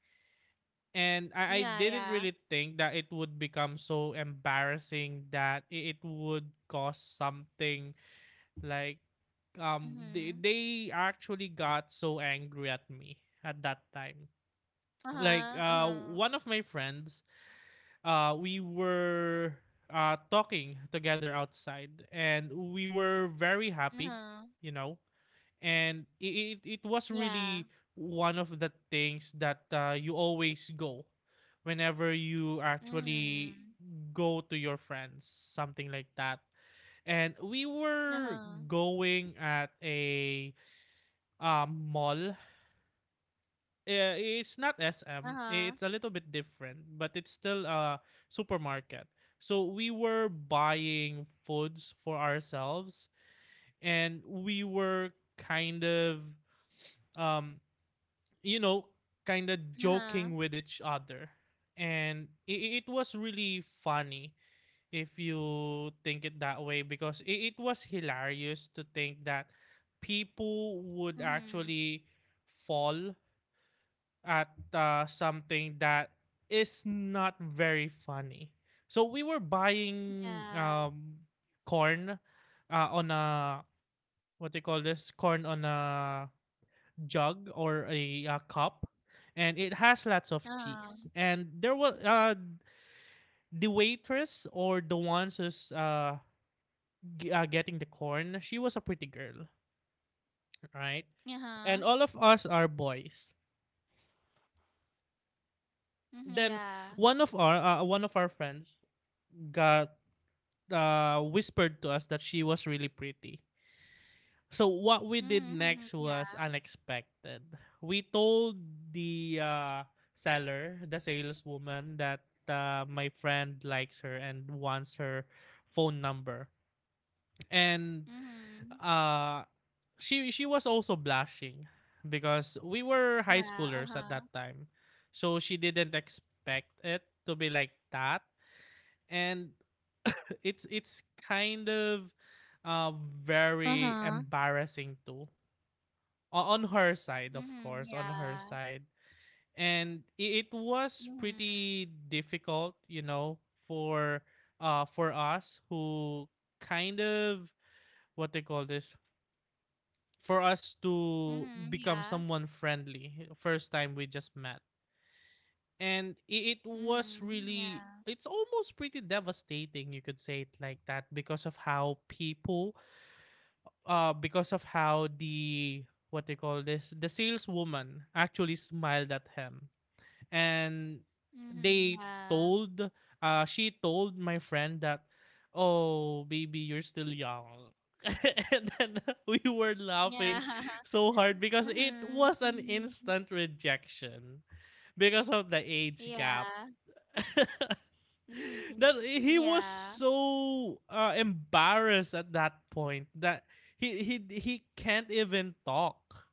And I
Yeah,
didn't
yeah.
really think that it would become so embarrassing that it would cause something like
Mhm.
they actually got so angry at me at that time. Like
Uh-huh. Uh-huh.
one of my friends, we were talking together outside and we were very happy,
Uh-huh.
you know. And it was
Yeah.
really one of the things that you always go whenever you actually
Mhm.
go to your friends, something like that. And we were
Uh-huh.
going at a mall. Yeah, it's not SM.
Uh-huh.
It's a little bit different, but it's still a supermarket. So we were buying foods for ourselves, and we were kind of um you know, kind of
Uh-huh.
joking with each other. And it was really funny if you think it that way, because it was hilarious to think that people would
Mhm.
actually fall at something that is not very funny. So we were buying
Yeah.
corn on a what do you call this, corn on a jug or a, cup, and it has lots of
Uh-huh.
cheese. And there was the waitress, or the ones who's getting the corn. She was a pretty girl, right?
Uh-huh.
And all of us are boys.
Mhm.
Then
Yeah. Mhm.
one of our friends got whispered to us that she was really pretty. So what we did
Mhm.
next was
Yeah.
unexpected. We told the seller, the saleswoman, that my friend likes her and wants her phone number, and
Mhm.
uh, she was also blushing because we were high
Yeah.
schoolers at
Uh-huh.
that time, so she didn't expect it to be like that. And [LAUGHS] it's kind of uh, very
Uh-huh.
embarrassing too. On her side, of
Mhm.
course, on her
Yeah.
side. And it was
Mhm.
pretty difficult, you know, for for us, who kind of what they call this, for us to
Mhm.
become
Yeah.
someone friendly first time we just met. And it was
Mhm.
really,
Yeah.
it's almost pretty devastating, you could say it like that, because of how people because of how the what they call this, the saleswoman actually smiled at him. And
Mhm.
they
Yeah.
told she told my friend that, oh baby, you're still young. [LAUGHS] And then [LAUGHS] we were
Yeah.
laughing so hard
[LAUGHS]
because it
Mhm.
was an
Mhm.
instant rejection because of the age gap.
Yeah.
[LAUGHS]
Mhm.
That he was
Yeah.
so embarrassed at that point that he he can't even talk.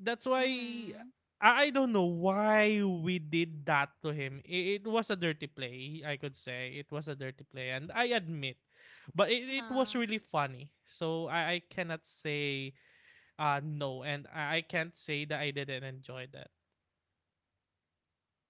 That's why
Mhm.
I don't know why we did that to him. It was a dirty play, I could say. It was a dirty play, and I admit, but it
Uh-huh.
was really funny. So I cannot say no, and I can't say that I didn't enjoy that.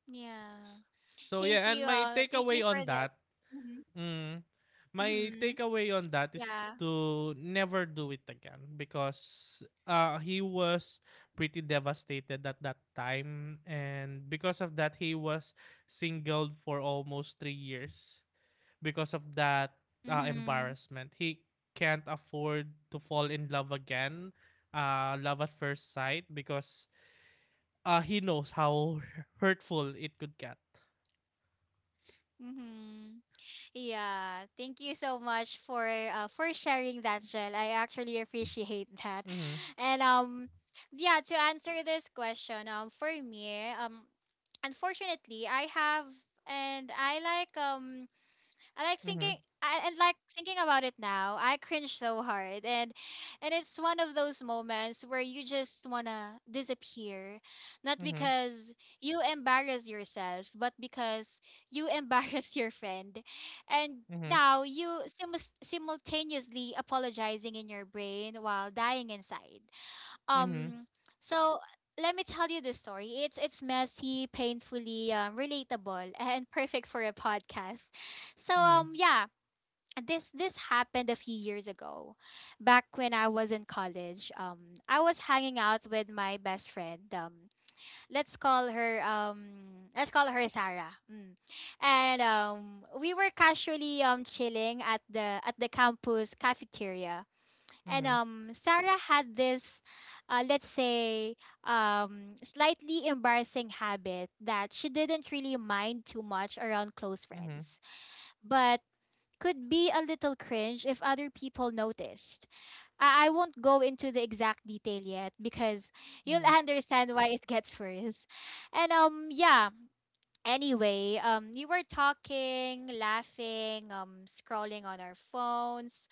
Yeah.
So
Thank
yeah,
you.
and my
Thank you
takeaway
for
on
that.
that.
Mhm.
Mm. My
Mhm.
takeaway on that is
Yeah.
to never do it again, because he was pretty devastated at that time, and because of that, he was singled for almost 3 years because of that
Mhm.
embarrassment. He can't afford to fall in love again, love at first sight, because he knows how [LAUGHS] hurtful it could get.
Mhm. Yeah. Thank you so much for sharing that, Jel. I actually appreciate that.
Mm-hmm.
And yeah, to answer this question, for me, unfortunately, I have and I like I like
Mm-hmm.
thinking thinking about it now, I cringe so hard, and it's one of those moments where you just wanna disappear. Not
Mm-hmm.
because you embarrass yourself, but because you [LAUGHS] embarrass your friend. And
Mm-hmm.
now you simus simultaneously apologizing in your brain while dying inside.
Mm-hmm.
Um, so let me tell you the story. It's messy, painfully relatable, [LAUGHS] and perfect for a podcast. So
Mm-hmm.
yeah, this happened a few years ago, back when I was in college. I was hanging out with my best friend. Let's call her Sarah. Mm. And we were casually chilling at the campus cafeteria, and
Mm-hmm.
Sarah had this, let's say, slightly embarrassing habit that she didn't really mind too much around close
Mhm,
friends, but could be a little cringe if other people noticed. I won't go into the exact detail yet because you'll
mhm,
understand why it gets [LAUGHS] worse. And yeah. Anyway, we were talking, laughing, scrolling on our phones,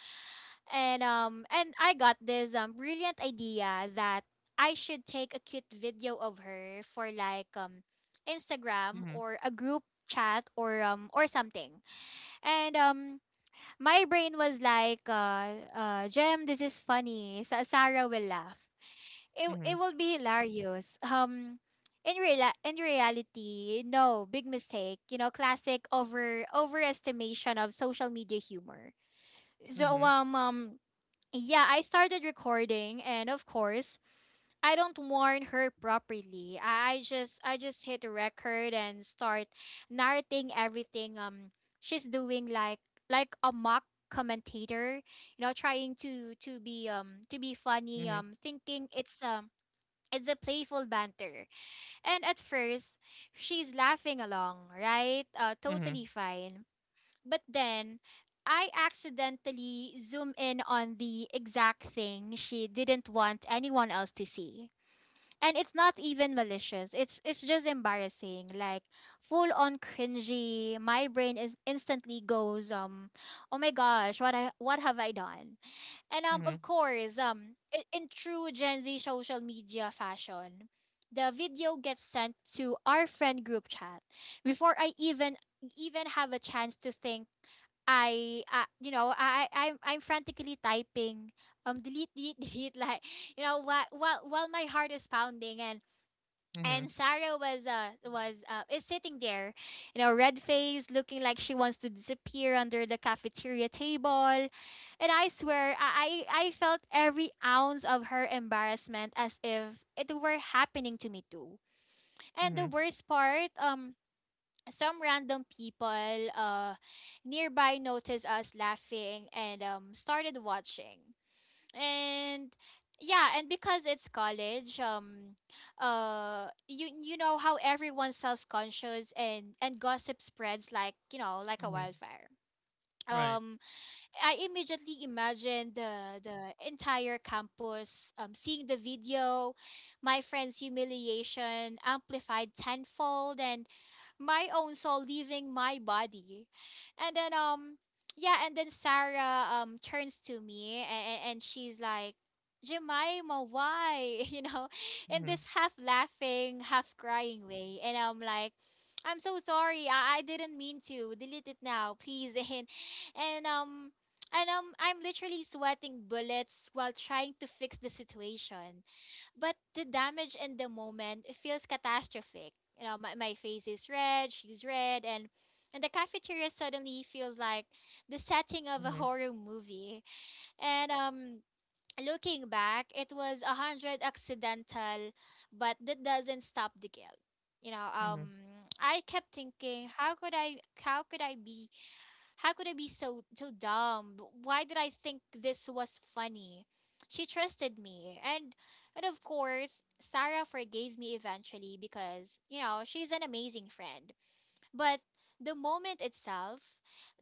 and I got this brilliant idea that I should take a cute video of her for like Instagram
mhm,
or a group chat or something. And my brain was like Jem, this is funny. Sa Sarah will laugh. It
mhm,
will be hilarious. In reality, no, big mistake. You know, classic overestimation of social media humor. So
mhm,
yeah, I started recording and of course, I don't warn her properly. I just hit the record and start narrating everything she's doing, like a mock commentator, you know, trying to be funny,
mhm,
thinking it's a playful banter. And at first, she's laughing along, right?
mhm,
Totally fine. But then I accidentally zoom in on the exact thing she didn't want anyone else to see. And it's not even malicious. It's just embarrassing. Like full on cringy. My brain is instantly goes, "Oh my gosh, what have I done?" And
mhm,
of course, in true Gen Z social media fashion, the video gets sent to our friend group chat before I even have a chance to think. You know, I'm, frantically typing, delete, delete, [LAUGHS] delete, like, you know, while my heart is pounding, and
mhm,
and Sarah was is sitting there, you know, red face, looking like she wants to disappear under the cafeteria table, and I swear I felt every ounce of her embarrassment as if it were happening to me too. And the
mhm,
worst part. Some random people nearby noticed us laughing and, started watching. And yeah, and because it's college, you, you know how everyone's self-conscious and gossip spreads like, you know, like a
mhm.
wildfire.
Right.
um I immediately imagine the entire campus, seeing the video, my friend's humiliation amplified tenfold, and my own soul leaving my body. And then yeah, and then Sarah turns to me and, she's like, Jemima, why? [LAUGHS] You know, in
Mhm,
this half laughing, half crying way. And I'm like, I'm so sorry. I didn't mean to. Delete it now, please. [LAUGHS] And um and I'm literally sweating bullets while trying to fix the situation. But the damage in the moment feels catastrophic. You know, my face is red, she's red, and the cafeteria suddenly feels like the setting of a
mhm,
horror movie. And looking back, it was a hundred accidental, but that doesn't stop the guilt. You know,
mhm,
I kept thinking, how could I be so dumb? Why did I think this was funny? She trusted me. And of course, Sarah forgave me eventually because, you know, she's an amazing friend. But the moment itself,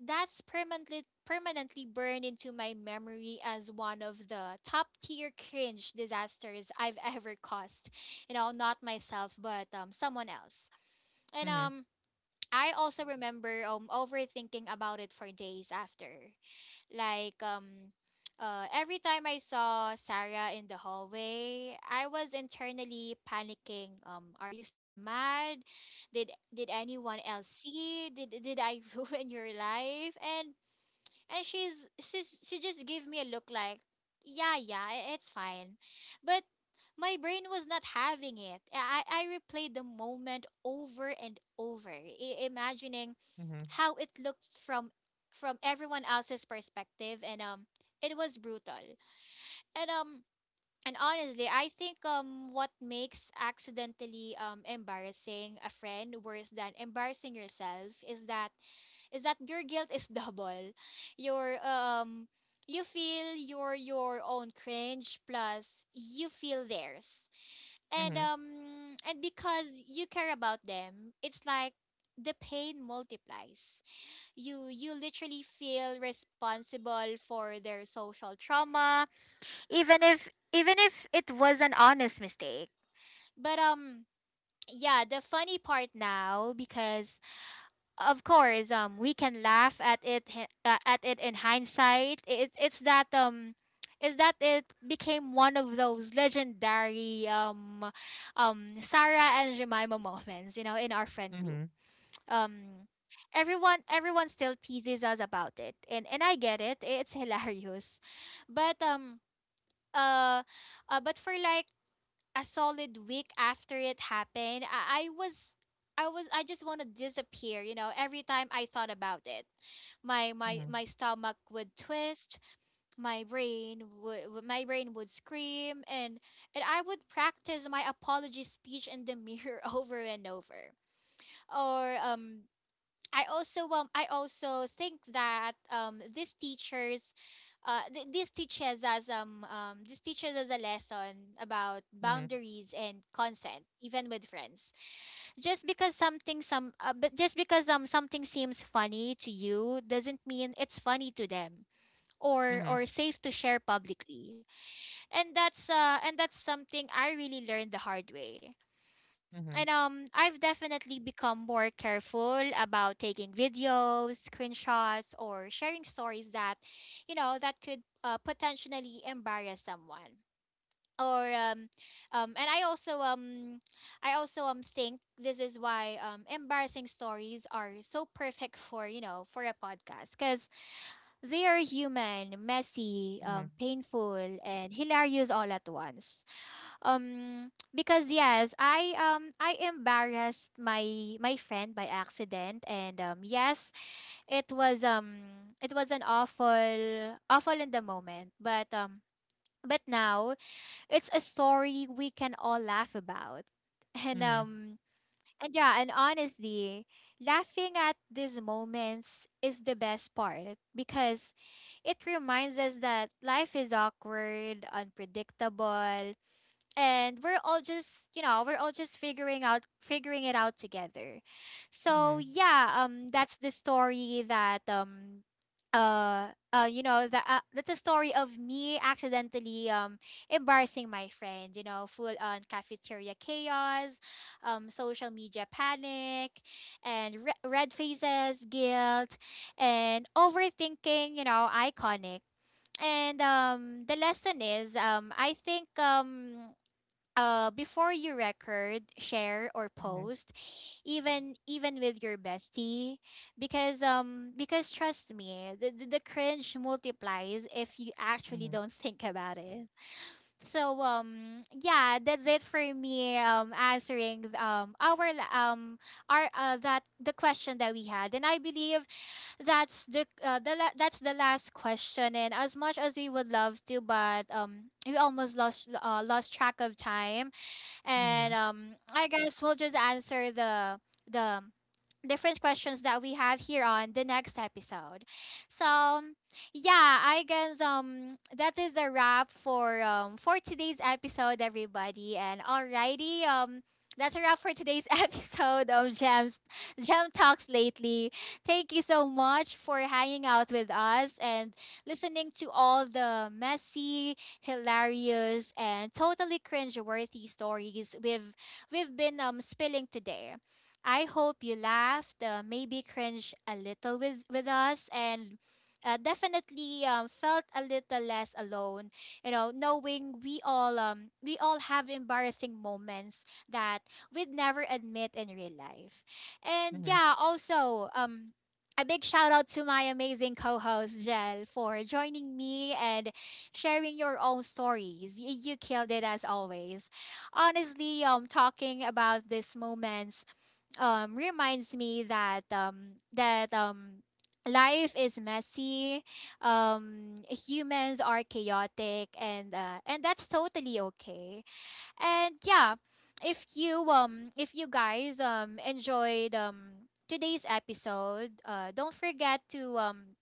that's permanently burned into my memory as one of the top tier cringe disasters I've [LAUGHS] ever caused. You know, not myself, but someone else. And
mhm,
I also remember overthinking about it for days after. Like every time I saw Sarah in the hallway, I was internally panicking. Are you still mad?
mhm,
Did anyone else see? Did I [LAUGHS] ruin your life? And she just gave me a look like, "Yeah, yeah, it's fine." But my brain was not having it. I replayed the moment over and over, imagining
mhm,
how it looked from everyone else's perspective, and it was brutal. And um and honestly, I think what makes accidentally embarrassing a friend worse than embarrassing yourself is that your guilt is [LAUGHS] double. your um you feel your own cringe plus you feel theirs, and
mhm,
um and because you care about them, it's like the pain multiplies. You literally feel responsible for their social trauma, even if it was an honest mistake. But yeah, the funny part now, because of course, we can laugh at it at it in hindsight, it's that is that it became one of those legendary Sarah and Jemima moments, you know, in our friend group.
mhm,
um Everyone, still teases us about it, and I get it, it's [LAUGHS] hilarious. But uh, but for like a solid week after it happened, I was I just want to disappear, you know. Every time I thought about it,
mhm,
my stomach would twist, my brain would scream, and I would practice my apology speech in the mirror [LAUGHS] over and over. Or I also think that this teaches us a lesson about
mhm, mhm, mhm,
boundaries and consent, even with friends. Just because something some uh, but just because something seems funny to you doesn't mean it's funny to them or
mhm,
safe to share publicly, and that's something I really learned the hard way. And
mhm,
I've definitely become more careful about taking videos, screenshots, or sharing stories that, you know, that could, potentially embarrass someone. Or And I also think this is why embarrassing stories are so perfect for for a podcast because they are human, messy,
mhm,
painful, and hilarious all at once. Because yes, I embarrassed my friend by accident, and yes, it was an awful in the moment, but now it's a story we can all laugh about, [LAUGHS] and
mhm,
um and yeah, and honestly, laughing at these moments is the best part because it reminds us that life is awkward, unpredictable, and we're all just we're all just figuring it out together. So yeah, that's the story that that's a story of me accidentally embarrassing my friend, you know, full on cafeteria chaos, social media panic, and red faces, guilt, and overthinking, you know, iconic. And the lesson is, I think, before you record, share, or post, even with your bestie, because trust me, the cringe multiplies if you actually
mhm,
don't think about it. So yeah, that's it for me answering our that the question that we had. And I believe that's the that's the last question, and as much as we would love to, but we almost lost lost track of time. And
mhm,
I guess we'll just answer the different questions that we have here on the next episode. So yeah, I guess that is a wrap for today's episode, everybody. And alrighty, that's a wrap for today's [LAUGHS] episode of Gem Talks lately. Thank you so much for hanging out with us and listening to all the messy, hilarious, and totally cringeworthy stories we've been spilling today. I hope you laughed, maybe cringe a little with us, and definitely felt a little less alone. You know, knowing we all have embarrassing moments that we'd never admit in real life, and
mhm,
yeah, also a big shout out to my amazing co-host Jel for joining me and sharing your own stories. You killed it as always. Honestly, talking about these moments reminds me that that life is messy, humans are chaotic, and that's totally okay. And yeah, if you, if you guys enjoyed today's episode, don't forget to,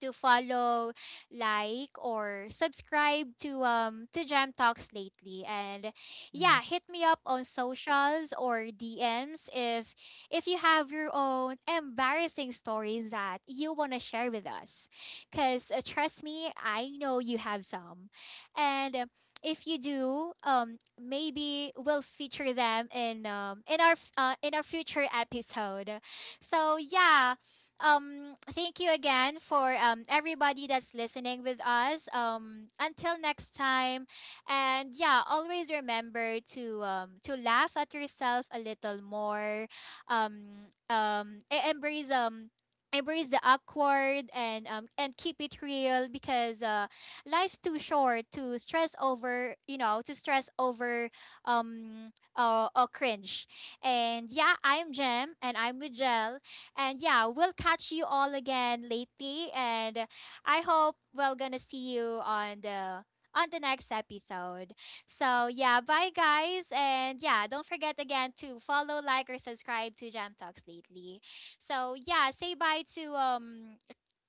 to follow, like, or subscribe to, to Jam Talks lately. And
mhm.
yeah, hit me up on socials or DMs if you have your own embarrassing stories that you want to share with us. Because trust me, I know you have some. And if you do, maybe we'll feature them in our in our future episode. So yeah, thank you again for everybody that's listening with us. Until next time, and yeah, always remember to, to laugh at yourself a little more. Um, um, e- embrace um. Embrace the awkward and keep it real, because life's too short to stress over, you know, to stress over cringe. And yeah, I'm Jem and I'm with Jel. And yeah, we'll catch you all again lately, and I hope we're gonna see you on the next episode. So yeah, bye guys, and yeah, don't forget again to follow, like, or subscribe to Jam Talks lately. So yeah, say bye to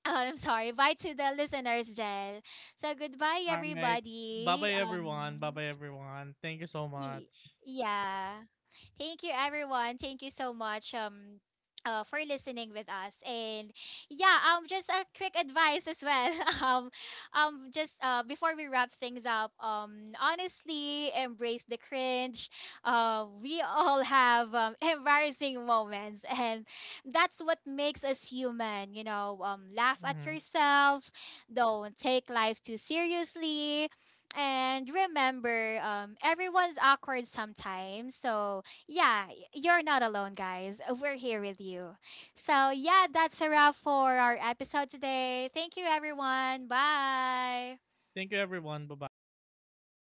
oh, I'm sorry. Bye to the listeners, Jel. So goodbye,
All right. Bye bye,
everybody.
everyone. Bye bye, everyone. Thank you so
Y-
much.
Yeah. Thank you, everyone. Thank you so much for listening with us. And yeah, just a quick advice as well. [LAUGHS] Um just Before we wrap things up, honestly, embrace the cringe. We [LAUGHS] all have [LAUGHS] embarrassing moments, and that's what makes us human, you know. Laugh at
Mhm.
yourself, don't take life too seriously, and remember, everyone's awkward sometimes. So, yeah, you're not alone, guys. We're here with you. So, yeah, that's a wrap for our episode today. Thank you, everyone. Bye.
Thank you, everyone. Bye bye.